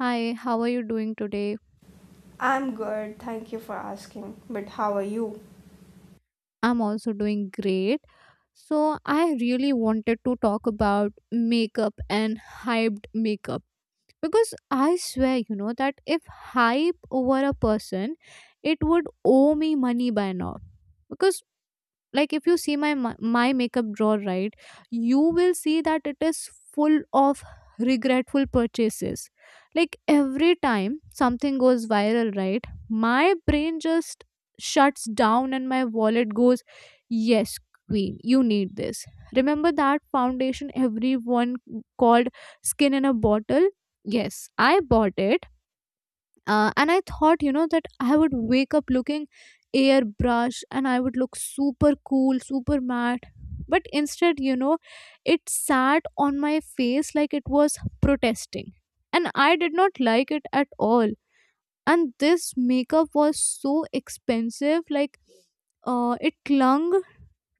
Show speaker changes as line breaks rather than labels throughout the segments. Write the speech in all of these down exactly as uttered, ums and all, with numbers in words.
Hi, how are you doing today?
I'm good, thank you for asking. But how are you?
I'm also doing great. So, I really wanted to talk about makeup and hyped makeup because I swear, you know, that if hype over a person, it would owe me money by now. Because like if you see my ma- my makeup drawer, right, you will see that it is full of regretful purchases. Like every time something goes viral, right, my brain just shuts down and my wallet goes, yes queen, you need this. Remember that foundation everyone called skin in a bottle? Yes, I bought it. Uh, and I thought, you know, that I would wake up looking airbrush and I would look super cool, super matte. But instead, you know, it sat on my face like it was protesting. And I did not like it at all. And this makeup was so expensive. Like uh, it clung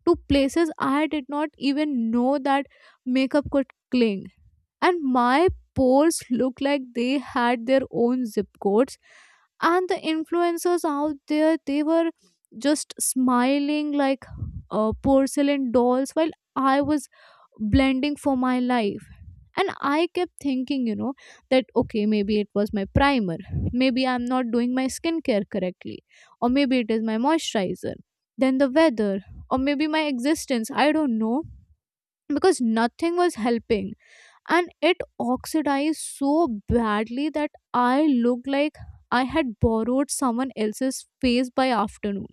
to places I did not even know that makeup could cling, and my polls look like they had their own zip codes. And the influencers out there, they were just smiling like uh, porcelain dolls while I was blending for my life. And I kept thinking, you know that okay, maybe it was my primer, maybe I'm not doing my skincare correctly, or maybe it is my moisturizer, then the weather, or maybe my existence, I don't know. Because nothing was helping, and it oxidized so badly that I looked like I had borrowed someone else's face by afternoon.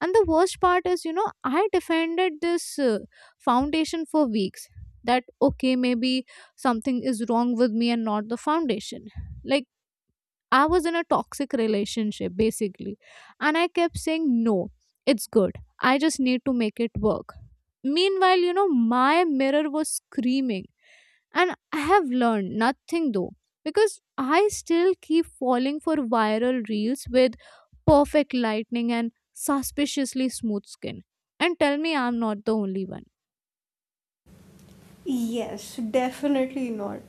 And the worst part is, you know, I defended this uh, foundation for weeks, that okay, maybe something is wrong with me and not the foundation. Like, I was in a toxic relationship basically, and I kept saying, no, it's good. I just need to make it work. Meanwhile, you know, my mirror was screaming, and I have learned nothing though, because I still keep falling for viral reels with perfect lightning and suspiciously smooth skin. And tell me I'm not the only one.
Yes, definitely not.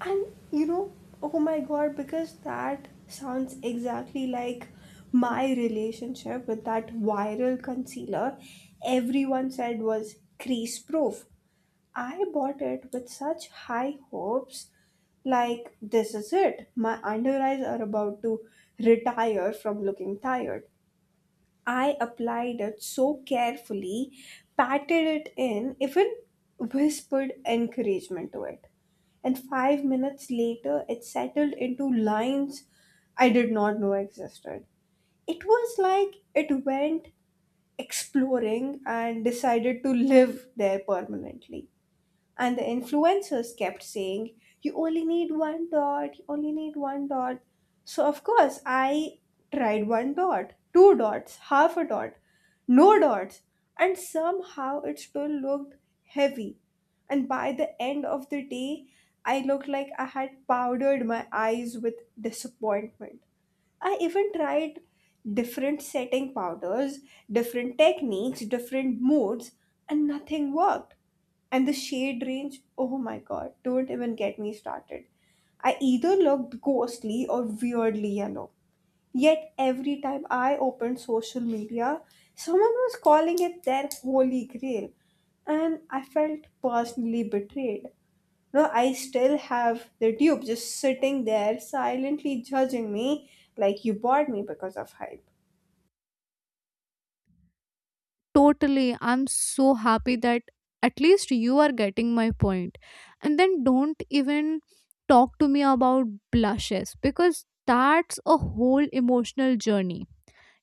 And you know, oh my god, because that sounds exactly like my relationship with that viral concealer everyone said was crease proof. I bought it with such high hopes, like, this is it. My under eyes are about to retire from looking tired. I applied it so carefully, patted it in, even whispered encouragement to it. And five minutes later, it settled into lines I did not know existed. It was like it went exploring and decided to live there permanently. And the influencers kept saying, you only need one dot, you only need one dot. So, of course, I tried one dot, two dots, half a dot, no dots. And somehow it still looked heavy. And by the end of the day, I looked like I had powdered my eyes with disappointment. I even tried different setting powders, different techniques, different moods, and nothing worked. And the shade range, oh my god, don't even get me started. I either looked ghostly or weirdly yellow. Yet every time I opened social media, someone was calling it their holy grail, and I felt personally betrayed. No, I still have the dupe just sitting there silently judging me like you bought me because of hype.
Totally, I'm so happy that at least you are getting my point. And then don't even talk to me about blushes, because that's a whole emotional journey.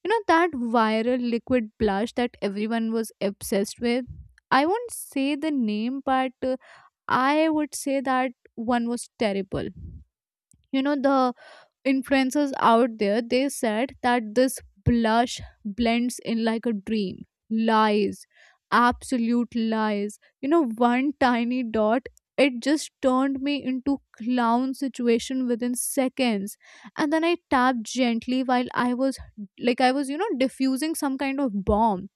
You know that viral liquid blush that everyone was obsessed with? I won't say the name, but uh, I would say that one was terrible. You know, the influencers out there, they said that this blush blends in like a dream. Lies, absolute lies. You know one tiny dot, it just turned me into clown situation within seconds. And then I tapped gently while I was, like I was, you know diffusing some kind of bomb,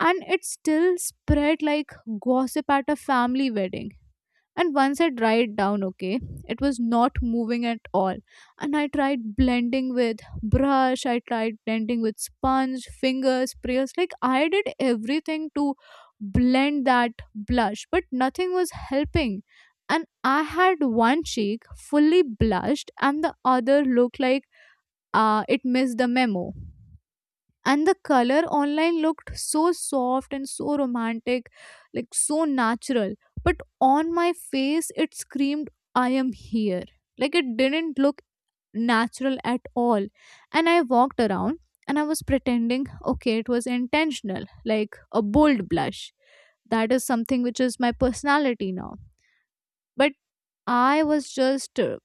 and it still spread like gossip at a family wedding. And once I dried down, okay, it was not moving at all. And I tried blending with brush, I tried blending with sponge, fingers, sprayers. Like, I did everything to blend that blush, but nothing was helping. And I had one cheek fully blushed, and the other looked like uh, it missed the memo. And the color online looked so soft and so romantic, like so natural, but on my face it screamed, I am here. Like, it didn't look natural at all. And I walked around and I was pretending, okay, it was intentional, like a bold blush, that is something which is my personality now. But I was just uh,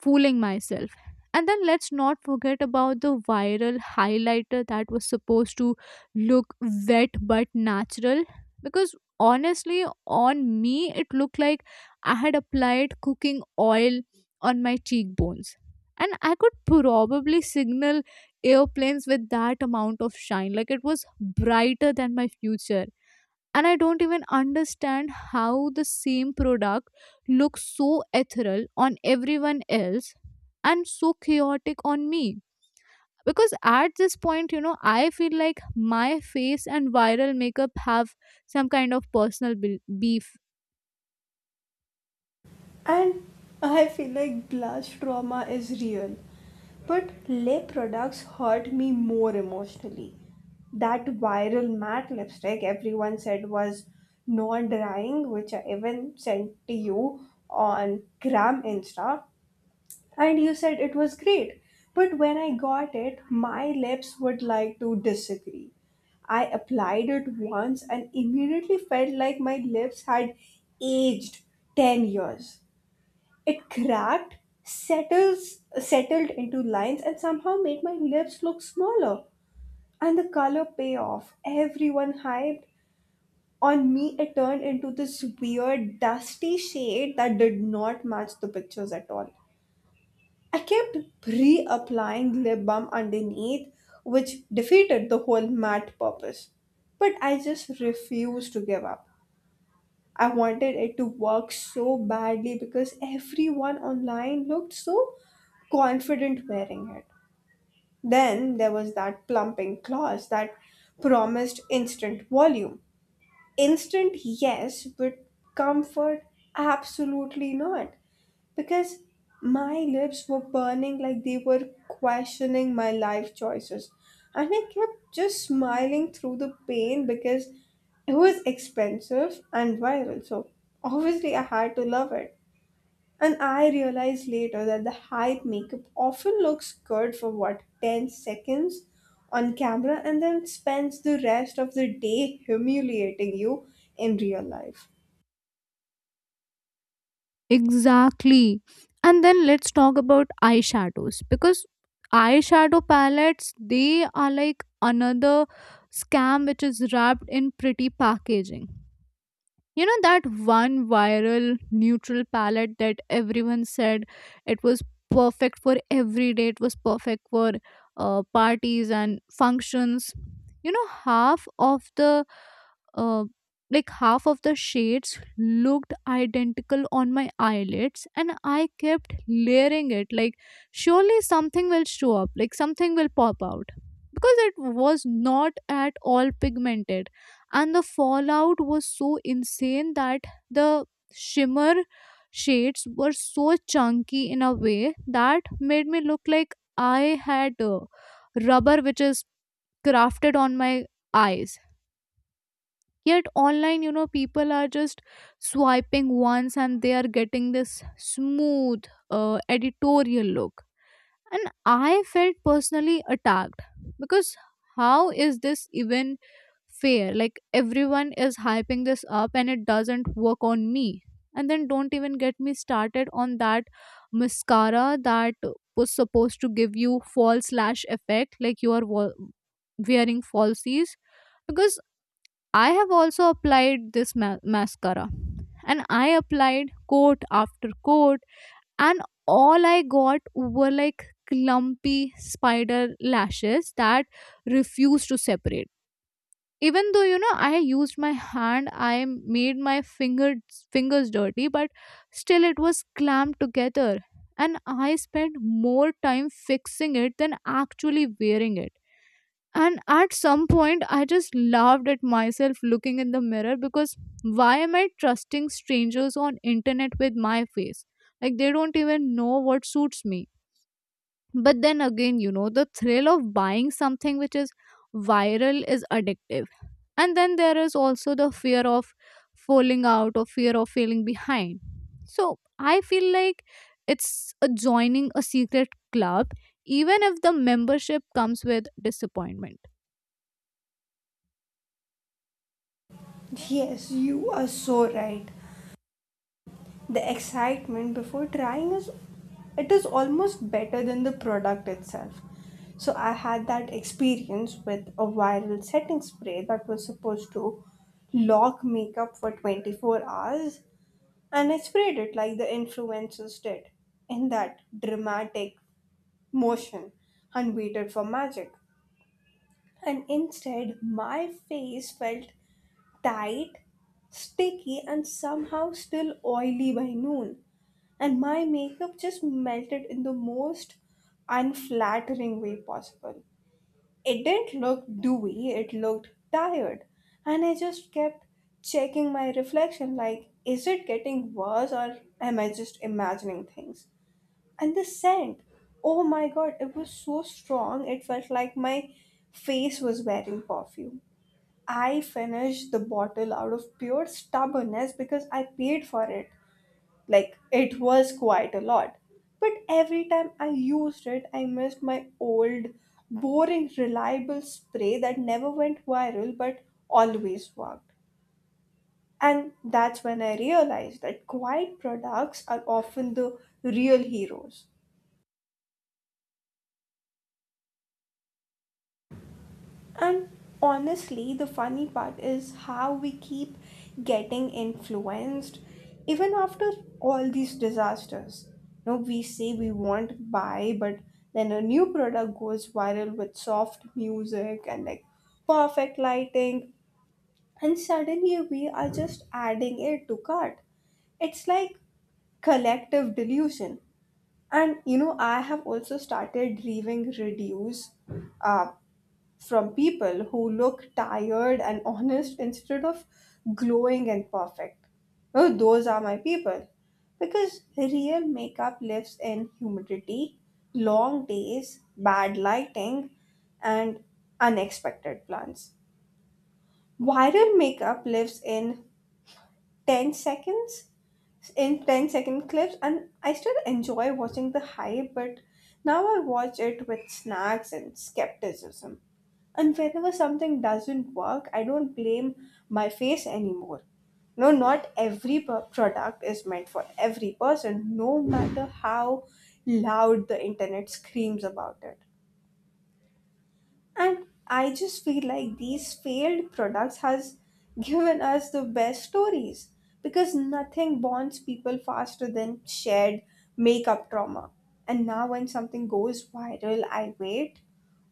fooling myself. And then let's not forget about the viral highlighter that was supposed to look wet but natural. Because honestly, on me, it looked like I had applied cooking oil on my cheekbones. And I could probably signal airplanes with that amount of shine. Like, it was brighter than my future, and I don't even understand how the same product looks so ethereal on everyone else and so chaotic on me. Because at this point, you know I feel like my face and viral makeup have some kind of personal bel- beef
And I feel like glass trauma is real. But lip products hurt me more emotionally. That viral matte lipstick everyone said was non drying, which I even sent to you on Gram Insta, and you said it was great. But when I got it, my lips would like to disagree. I applied it once and immediately felt like my lips had aged ten years. It cracked, settles, settled into lines, and somehow made my lips look smaller. And the color pay off. Everyone hyped. On me, it turned into this weird, dusty shade that did not match the pictures at all. I kept pre applying lip balm underneath, which defeated the whole matte purpose. But I just refused to give up. I wanted it to work so badly because everyone online looked so confident wearing it. Then there was that plumping clause that promised instant volume. Instant, yes, but comfort, absolutely not, because my lips were burning like they were questioning my life choices. And I kept just smiling through the pain because it was expensive and viral. So obviously, I had to love it. And I realized later that the hype makeup often looks good for what, ten seconds on camera, and then spends the rest of the day humiliating you in real life.
Exactly. And then let's talk about eyeshadows, because eyeshadow palettes, they are like another scam which is wrapped in pretty packaging. You know that one viral neutral palette that everyone said it was perfect for every day, it was perfect for uh, parties and functions. You know, half of the uh, like half of the shades looked identical on my eyelids, and I kept layering it like, surely something will show up, like something will pop out, because it was not at all pigmented. And the fallout was so insane that the shimmer shades were so chunky in a way that made me look like I had uh, rubber which is crafted on my eyes. Yet online, you know, people are just swiping once and they are getting this smooth uh, editorial look. And I felt personally attacked, because how is this even fair. Like, everyone is hyping this up and it doesn't work on me. And then don't even get me started on that mascara that was supposed to give you false lash effect, like you are wa- wearing falsies. Because I have also applied this ma- mascara, and I applied coat after coat, and all I got were like clumpy spider lashes that refused to separate, even though, you know I used my hand, I made my fingers fingers dirty, but still it was clamped together. And I spent more time fixing it than actually wearing it. And at some point I just laughed at myself looking in the mirror, because why am I trusting strangers on internet with my face? Like, they don't even know what suits me. But then again, you know the thrill of buying something which is viral is addictive, and then there is also the fear of falling out or fear of failing behind. So, I feel like it's a joining a secret club, even if the membership comes with disappointment.
Yes, you are so right. The excitement before trying is it is almost better than the product itself. So I had that experience with a viral setting spray that was supposed to lock makeup for twenty-four hours, and I sprayed it like the influencers did in that dramatic motion and waited for magic. And instead, my face felt tight, sticky, and somehow still oily by noon, and my makeup just melted in the most unflattering way possible. It didn't look dewy, it looked tired, and I just kept checking my reflection like, is it getting worse or am I just imagining things? And the scent, oh my god, it was so strong, it felt like my face was wearing perfume. I finished the bottle out of pure stubbornness because I paid for it. Like it was quite a lot. But every time I used it, I missed my old, boring, reliable spray that never went viral but always worked. And that's when I realized that quiet products are often the real heroes. And honestly, the funny part is how we keep getting influenced even after all these disasters. No, we say we won't buy, but then a new product goes viral with soft music and like perfect lighting, and suddenly we are just adding it to cart. It's like collective delusion. And you know, I have also started reviewing reviews uh, from people who look tired and honest instead of glowing and perfect. Oh, those are my people. Because real makeup lives in humidity, long days, bad lighting, and unexpected plans. Viral makeup lives in ten seconds in ten second clips, and I still enjoy watching the hype, but now I watch it with snacks and skepticism. And whenever something doesn't work, I don't blame my face anymore. No, not every pro- product is meant for every person, no matter how loud the internet screams about it. And I just feel like these failed products has given us the best stories because nothing bonds people faster than shared makeup trauma. And now when something goes viral, I wait,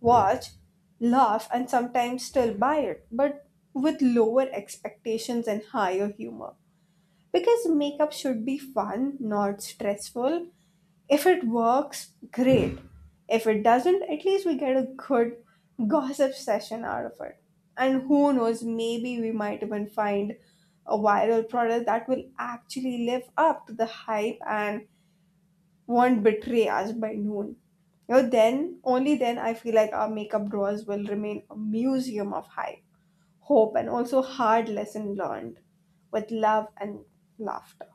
watch, laugh and sometimes still buy it, but with lower expectations and higher humor. Because makeup should be fun, not stressful. If it works, great. If it doesn't, at least we get a good gossip session out of it. And who knows, maybe we might even find a viral product that will actually live up to the hype and won't betray us by noon. You know, then, only then, I feel like our makeup drawers will remain a museum of hype, hope, and also hard lesson learned with love and laughter.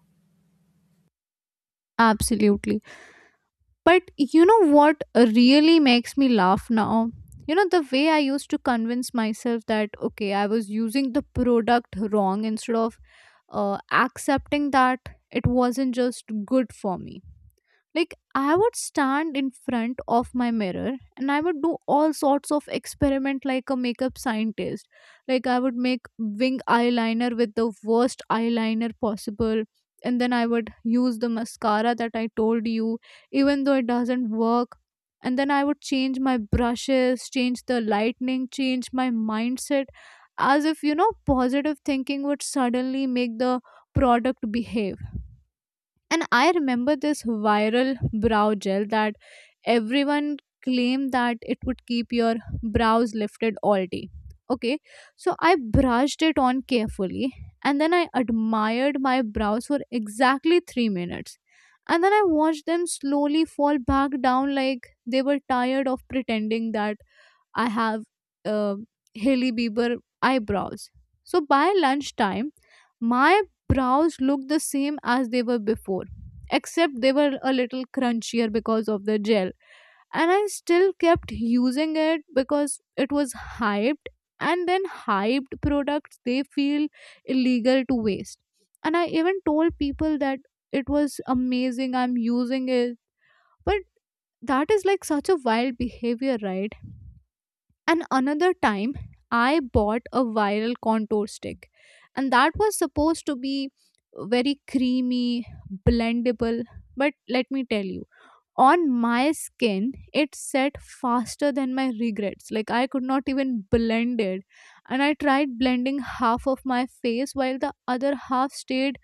Absolutely. But you know what really makes me laugh now? You know the way I used to convince myself that okay, I was using the product wrong instead of uh, accepting that it wasn't just good for me. Like, I would stand in front of my mirror, and I would do all sorts of experiment like a makeup scientist. Like, I would make wing eyeliner with the worst eyeliner possible. And then I would use the mascara that I told you, even though it doesn't work. And then I would change my brushes, change the lightning, change my mindset, as if, you know positive thinking would suddenly make the product behave. And I remember this viral brow gel that everyone claimed that it would keep your brows lifted all day. Okay, so I brushed it on carefully, and then I admired my brows for exactly three minutes. And then I watched them slowly fall back down like they were tired of pretending that I have uh, Haley Bieber eyebrows. So by lunchtime, my brows looked the same as they were before, except they were a little crunchier because of the gel. And I still kept using it because it was hyped. And then hyped products, they feel illegal to waste. And I even told people that it was amazing, I'm using it. But that is like such a wild behavior, right? And another time, I bought a viral contour stick, and that was supposed to be very creamy, blendable. But let me tell you, on my skin, it set faster than my regrets. Like, I could not even blend it. And I tried blending half of my face while the other half stayed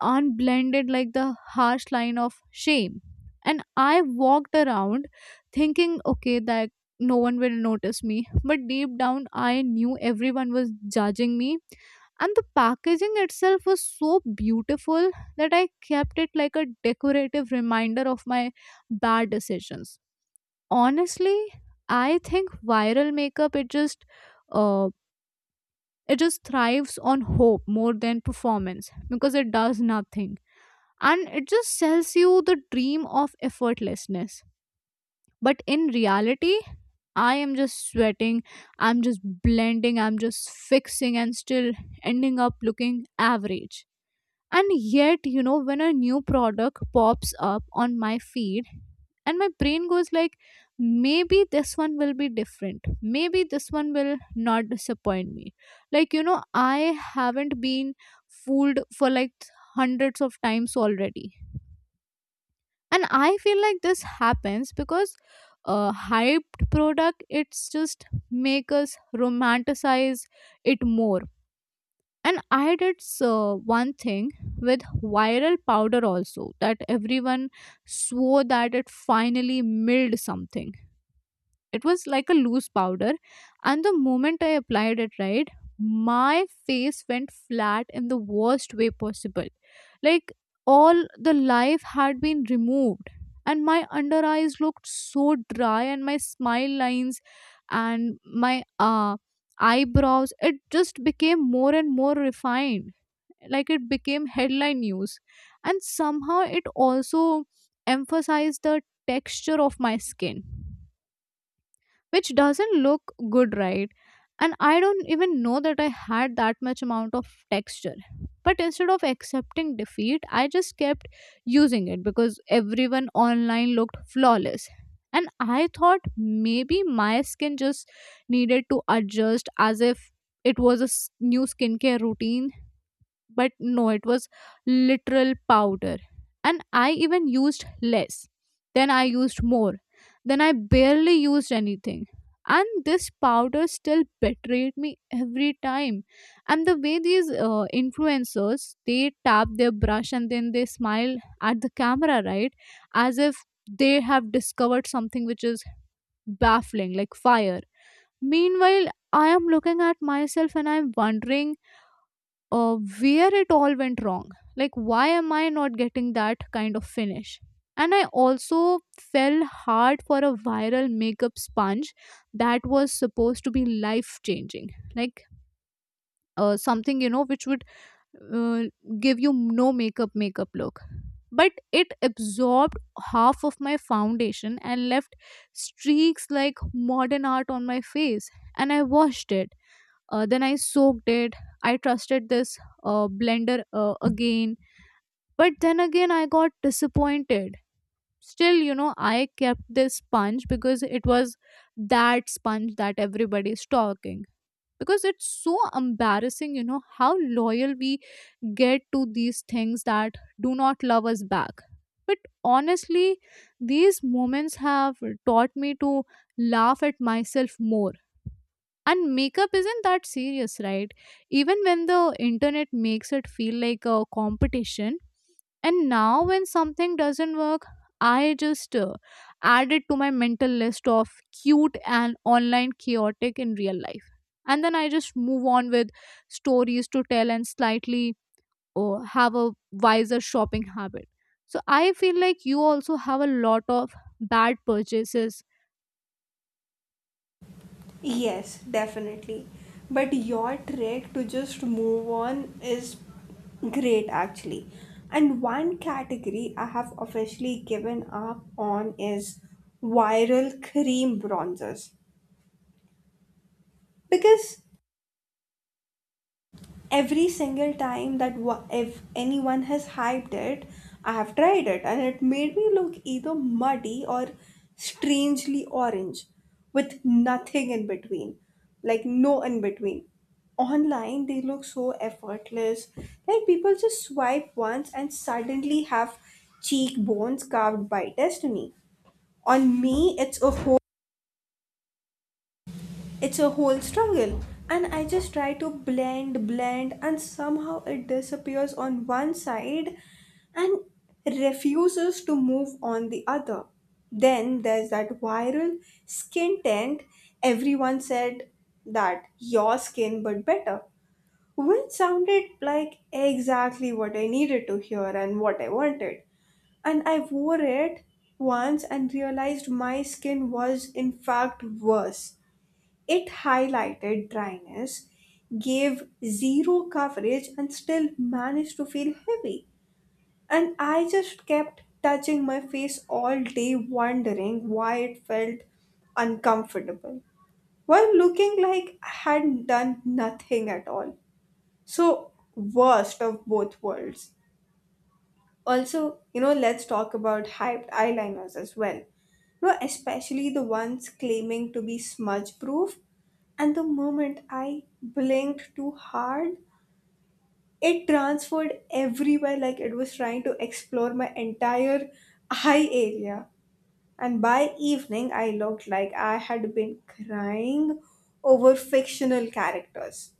unblended like the harsh line of shame. And I walked around thinking, okay, that no one will notice me. But deep down, I knew everyone was judging me. And the packaging itself was so beautiful that I kept it like a decorative reminder of my bad decisions. Honestly, I think viral makeup, it just. Uh, it just thrives on hope more than performance, because it does nothing and it just sells you the dream of effortlessness. But in reality, I am just sweating, I'm just blending, I'm just fixing, and still ending up looking average. And yet, you know when a new product pops up on my feed and my brain goes like, maybe this one will be different, maybe this one will not disappoint me. Like, you know I haven't been fooled for like hundreds of times already. And I feel like this happens because a hyped product, it's just make us romanticize it more. And I did so one thing with viral powder also that everyone swore that it finally milled something. It was like a loose powder. And the moment I applied it, right, my face went flat in the worst way possible. Like, all the life had been removed. And my under eyes looked so dry, and my smile lines and my uh, eyebrows, it just became more and more refined. Like, it became headline news. And somehow it also emphasized the texture of my skin, which doesn't look good, right? And I don't even know that I had that much amount of texture. But instead of accepting defeat, I just kept using it because everyone online looked flawless. And I thought maybe my skin just needed to adjust as if it was a s- new skincare routine. But no, it was literal powder. And I even used less, then I used more, then I barely used anything, and this powder still betrayed me every time. And the way these uh, influencers, they tap their brush and then they smile at the camera, right, as if they have discovered something which is baffling like fire. Meanwhile, I am looking at myself and I'm wondering uh, where it all went wrong. Like, why am I not getting that kind of finish? And I also fell hard for a viral makeup sponge that was supposed to be life changing. Like, uh, something, you know, which would uh, give you no makeup, makeup look. But it absorbed half of my foundation and left streaks like modern art on my face. And I washed it, uh, then I soaked it. I trusted this uh, blender uh, again. But then again, I got disappointed. Still, you know, I kept this sponge because it was that sponge that everybody's talking. Because it's so embarrassing, you know, how loyal we get to these things that do not love us back. But honestly, these moments have taught me to laugh at myself more, and makeup isn't that serious, right? Even when the internet makes it feel like a competition. And now, when something doesn't work, I just uh, add it to my mental list of cute and online chaotic in real life. And then I just move on with stories to tell and slightly uh, have a wiser shopping habit. So I feel like you also have a lot of bad purchases.
Yes, definitely. But your trick to just move on is great actually. And one category I have officially given up on is viral cream bronzers. Because every single time, that wa- if anyone has hyped it, I have tried it, and it made me look either muddy or strangely orange, with nothing in between. Like, no in between. Online they look so effortless, like people just swipe once and suddenly have cheekbones carved by destiny. On me, it's a whole it's a whole struggle, and I just try to blend, blend, and somehow it disappears on one side and refuses to move on the other. Then there's that viral skin tint everyone said that your skin but better, which sounded like exactly what I needed to hear and what I wanted. And I wore it once and realized my skin was in fact worse. It highlighted dryness, gave zero coverage, and still managed to feel heavy. And I just kept touching my face all day, wondering why it felt uncomfortable, while looking like I hadn't done nothing at all. So, worst of both worlds. Also, you know, let's talk about hyped eyeliners as well. You know, especially the ones claiming to be smudge proof. And the moment I blinked too hard, it transferred everywhere like it was trying to explore my entire eye area. And by evening, I looked like I had been crying over fictional characters.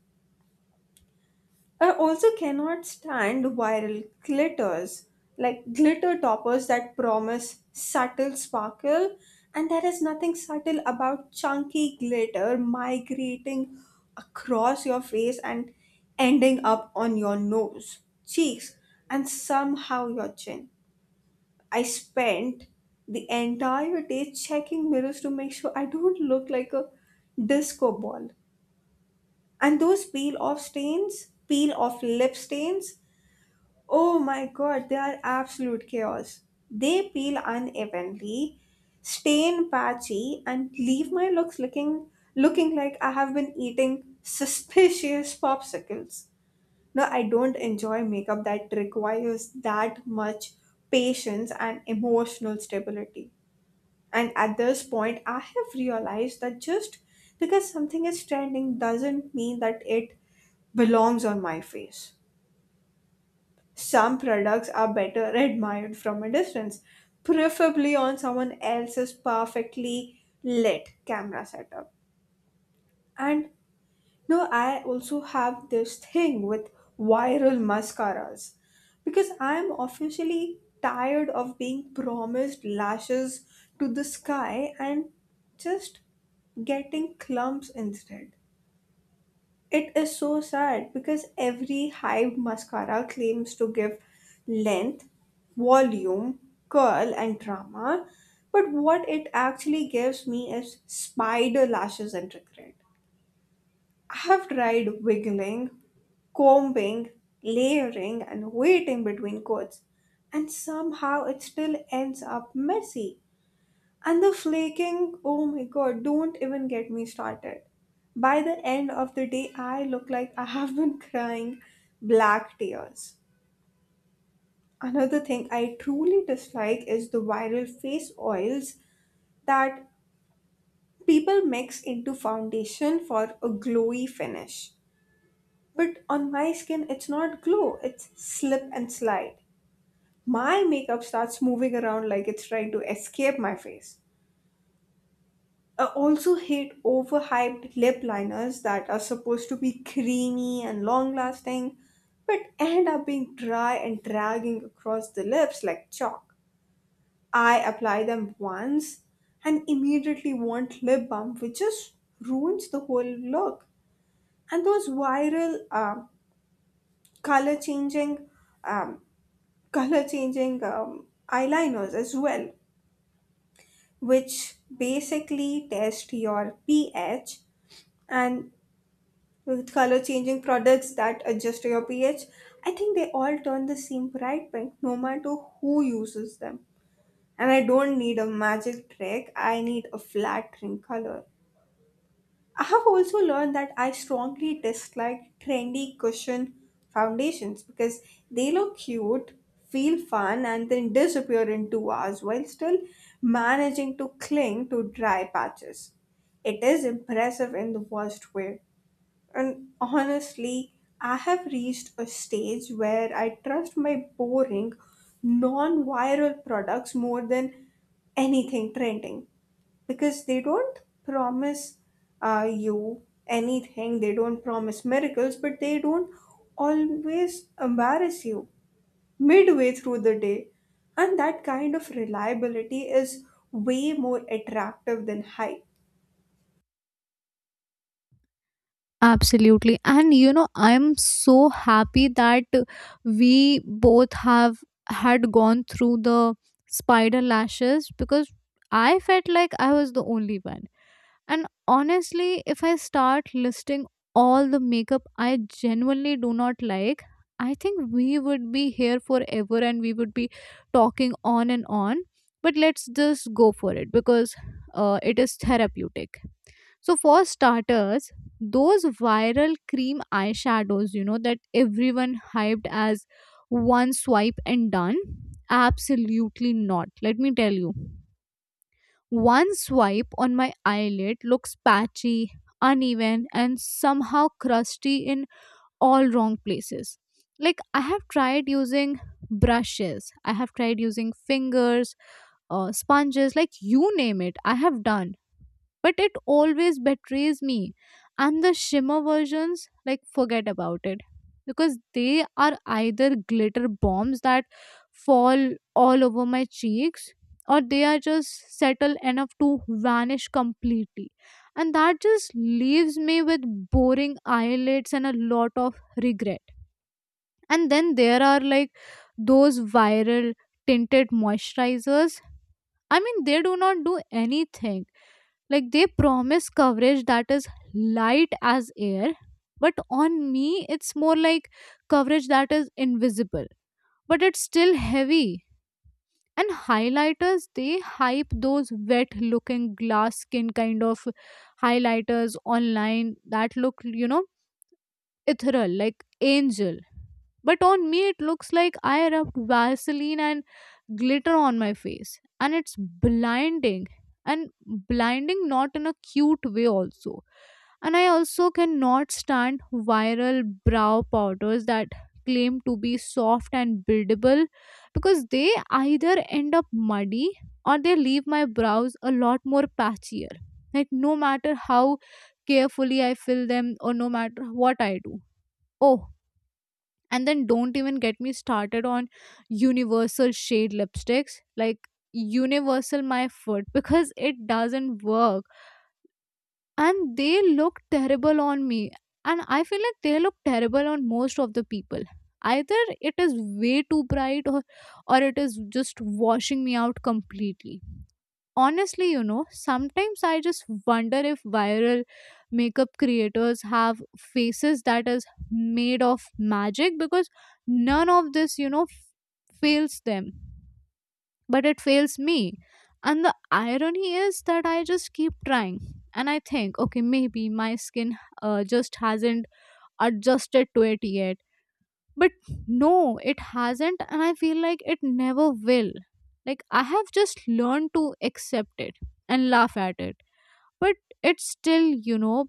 I also cannot stand viral glitters, like glitter toppers that promise subtle sparkle, and there is nothing subtle about chunky glitter migrating across your face and ending up on your nose, cheeks, and somehow your chin. I spent the entire day checking mirrors to make sure I don't look like a disco ball. And those peel off stains, peel off lip stains, oh my god, they are absolute chaos. They peel unevenly, stain patchy, and leave my looks looking looking like I have been eating suspicious popsicles. No, I don't enjoy makeup that requires that much patience and emotional stability. And at this point, I have realized that just because something is trending doesn't mean that it belongs on my face. Some products are better admired from a distance, preferably on someone else's perfectly lit camera setup. And no, I also have this thing with viral mascaras because I am officially tired of being promised lashes to the sky and just getting clumps instead. It is so sad because every Hive mascara claims to give length, volume, curl, and drama, but what it actually gives me is spider lashes and regret. I have tried wiggling, combing, layering, and waiting between coats, and somehow it still ends up messy. And the flaking, oh my god, don't even get me started. By the end of the day, I look like I have been crying black tears. Another thing I truly dislike is the viral face oils that people mix into foundation for a glowy finish. But on my skin, it's not glow, it's slip and slide. My makeup starts moving around like it's trying to escape my face. I also hate overhyped lip liners that are supposed to be creamy and long lasting, but end up being dry and dragging across the lips like chalk. I apply them once and immediately want lip balm, which just ruins the whole look. And those viral uh, color changing, um, color changing um, eyeliners as well, which basically test your pH and with color changing products that adjust to your pH. I think they all turn the same bright pink no matter who uses them. And I don't need a magic trick, I need a flat ring color. I have also learned that I strongly dislike trendy cushion foundations because they look cute, feel fun, and then disappear in two hours while still managing to cling to dry patches. It is impressive in the worst way. And honestly, I have reached a stage where I trust my boring, non viral products more than anything trending because they don't promise uh, you anything, they don't promise miracles, but they don't always embarrass you midway through the day. And that kind of reliability is way more attractive than hype.
Absolutely. And you know, I'm so happy that we both have had gone through the spider lashes, because I felt like I was the only one. And honestly, if I start listing all the makeup I genuinely do not like, I think we would be here forever and we would be talking on and on. But let's just go for it because uh, it is therapeutic. So, for starters, those viral cream eyeshadows, you know, that everyone hyped as one swipe and done, absolutely not. Let me tell you. One swipe on my eyelid looks patchy, uneven, and somehow crusty in all wrong places. Like, I have tried using brushes, I have tried using fingers, uh, sponges, like you name it, I have done, but it always betrays me. And the shimmer versions, like, forget about it, because they are either glitter bombs that fall all over my cheeks, or they are just settle enough to vanish completely. And that just leaves me with boring eyelids and a lot of regret. And then there are, like, those viral tinted moisturizers. I mean, they do not do anything. Like, they promise coverage that is light as air, but on me, it's more like coverage that is invisible, but it's still heavy. And highlighters, they hype those wet looking glass skin kind of highlighters online that look, you know, ethereal, like angel. But on me, it looks like I rubbed Vaseline and glitter on my face. And it's blinding. And blinding not in a cute way, also. And I also cannot stand viral brow powders that claim to be soft and buildable, because they either end up muddy or they leave my brows a lot more patchier. Like, no matter how carefully I fill them or no matter what I do. Oh, and then don't even get me started on universal shade lipsticks. Like, universal my foot because it doesn't work. And they look terrible on me. And I feel like they look terrible on most of the people. Either it is way too bright or or it is just washing me out completely. Honestly, you know, sometimes I just wonder if viral makeup creators have faces that is made of magic, because none of this, you know, f- fails them, but it fails me. And the irony is that I just keep trying, and I think, okay, maybe my skin uh, just hasn't adjusted to it yet. But no, it hasn't, and I feel like it never will. Like, I have just learned to accept it and laugh at it. But it's still, you know,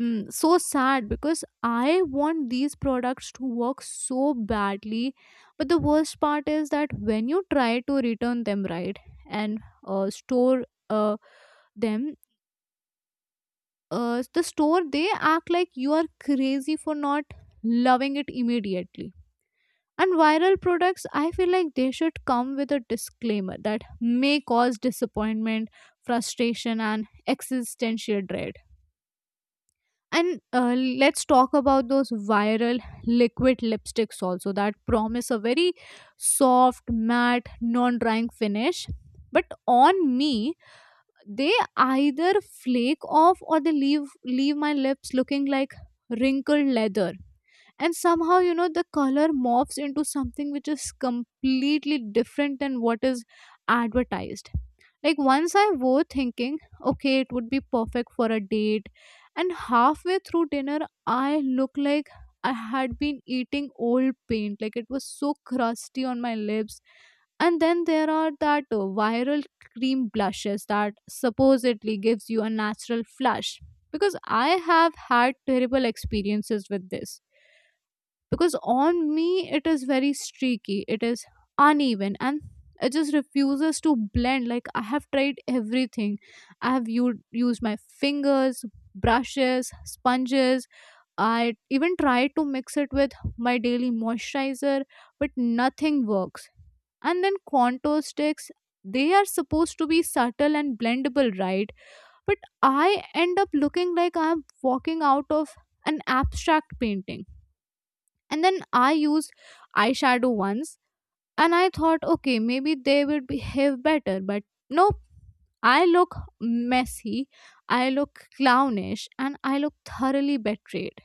mm, so sad because I want these products to work so badly. But the worst part is that when you try to return them, right, and uh, store uh, them, uh, the store, they act like you are crazy for not loving it immediately. And viral products, I feel like they should come with a disclaimer that may cause disappointment, frustration, and existential dread. And uh, let's talk about those viral liquid lipsticks also that promise a very soft, matte, non drying finish. But on me, they either flake off or they leave leave my lips looking like wrinkled leather. And somehow, you know, the color morphs into something which is completely different than what is advertised. Like, once I wore thinking okay, it would be perfect for a date, and halfway through dinner, I look like I had been eating old paint. Like, it was so crusty on my lips. And then there are that uh, viral cream blushes that supposedly gives you a natural flush. Because I have had terrible experiences with this, because on me, it is very streaky, it is uneven, and it just refuses to blend. Like, I have tried everything. I have u- used my fingers, brushes, sponges. I even tried to mix it with my daily moisturizer, but nothing works. And then contour sticks, they are supposed to be subtle and blendable, right? But I end up looking like I'm walking out of an abstract painting. And then I used eyeshadow once, and I thought, okay, maybe they will behave better, but nope. I look messy, I look clownish, and I look thoroughly betrayed.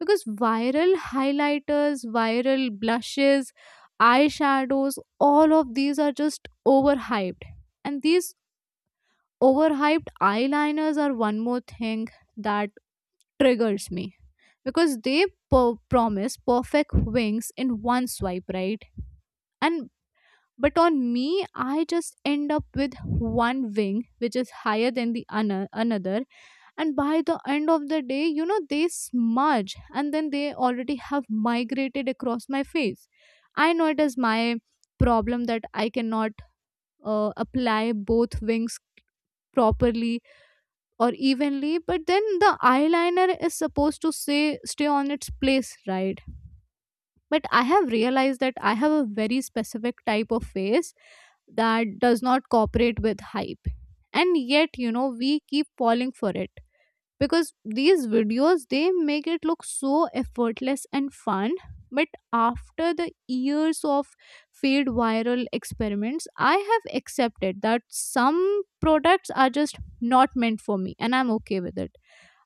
Because viral highlighters, viral blushes, eyeshadows, all of these are just overhyped. And these overhyped eyeliners are one more thing that triggers me. Because they po- promise perfect wings in one swipe, right? And but on me, I just end up with one wing which is higher than the ano- another. And by the end of the day, you know, they smudge and then they already have migrated across my face. I know it is my problem that I cannot uh, apply both wings properly or evenly, but then the eyeliner is supposed to say stay on its place, right? But I have realized that I have a very specific type of face that does not cooperate with hype. And yet, you know, we keep falling for it because these videos, they make it look so effortless and fun. But after the years of failed viral experiments, I have accepted that some products are just not meant for me, and I'm okay with it.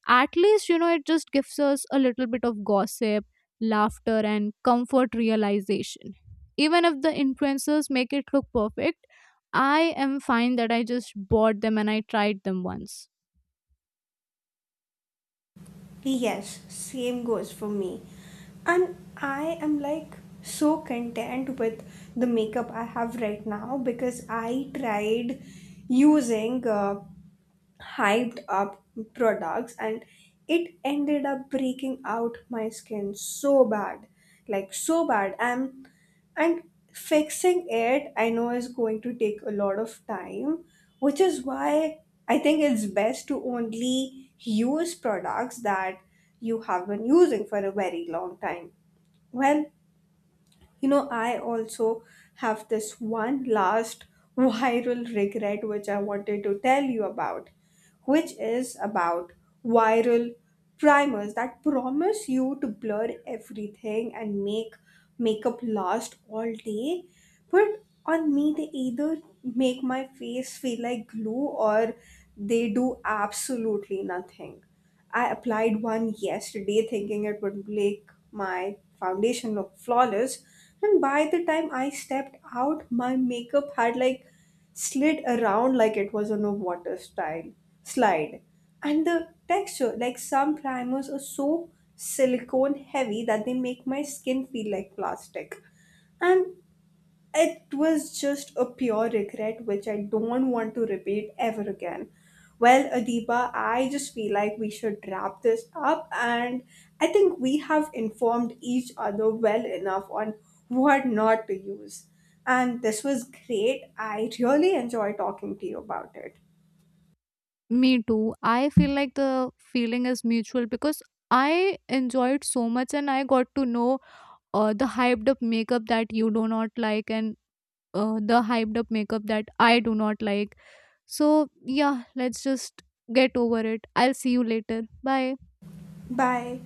At least, you know, it just gives us a little bit of gossip, laughter, and comfort realization. Even if the influencers make it look perfect, I am fine that I just bought them and I tried them once.
Yes, same goes for me. And I am like so content with the makeup I have right now because I tried using uh, hyped up products and it ended up breaking out my skin so bad, like so bad, and and fixing it, I know, is going to take a lot of time, which is why I think it's best to only use products that you have been using for a very long time. Well, you know, I also have this one last viral regret which I wanted to tell you about, which is about viral primers that promise you to blur everything and make makeup last all day. But on me, they either make my face feel like glue or they do absolutely nothing. I applied one yesterday thinking it would make my foundation look flawless, and by the time I stepped out, my makeup had like slid around like it was on a water style slide. And the texture, like some primers are so silicone heavy that they make my skin feel like plastic. And it was just a pure regret which I don't want to repeat ever again. Well, Adiba, I just feel like we should wrap this up, and I think we have informed each other well enough on what not to use. And this was great, I really enjoy talking to you about it.
Me too. I feel like the feeling is mutual because I enjoyed so much and I got to know uh, the hyped up makeup that you do not like and uh, the hyped up makeup that I do not like. So, yeah, let's just get over it. I'll see you later. Bye.
Bye.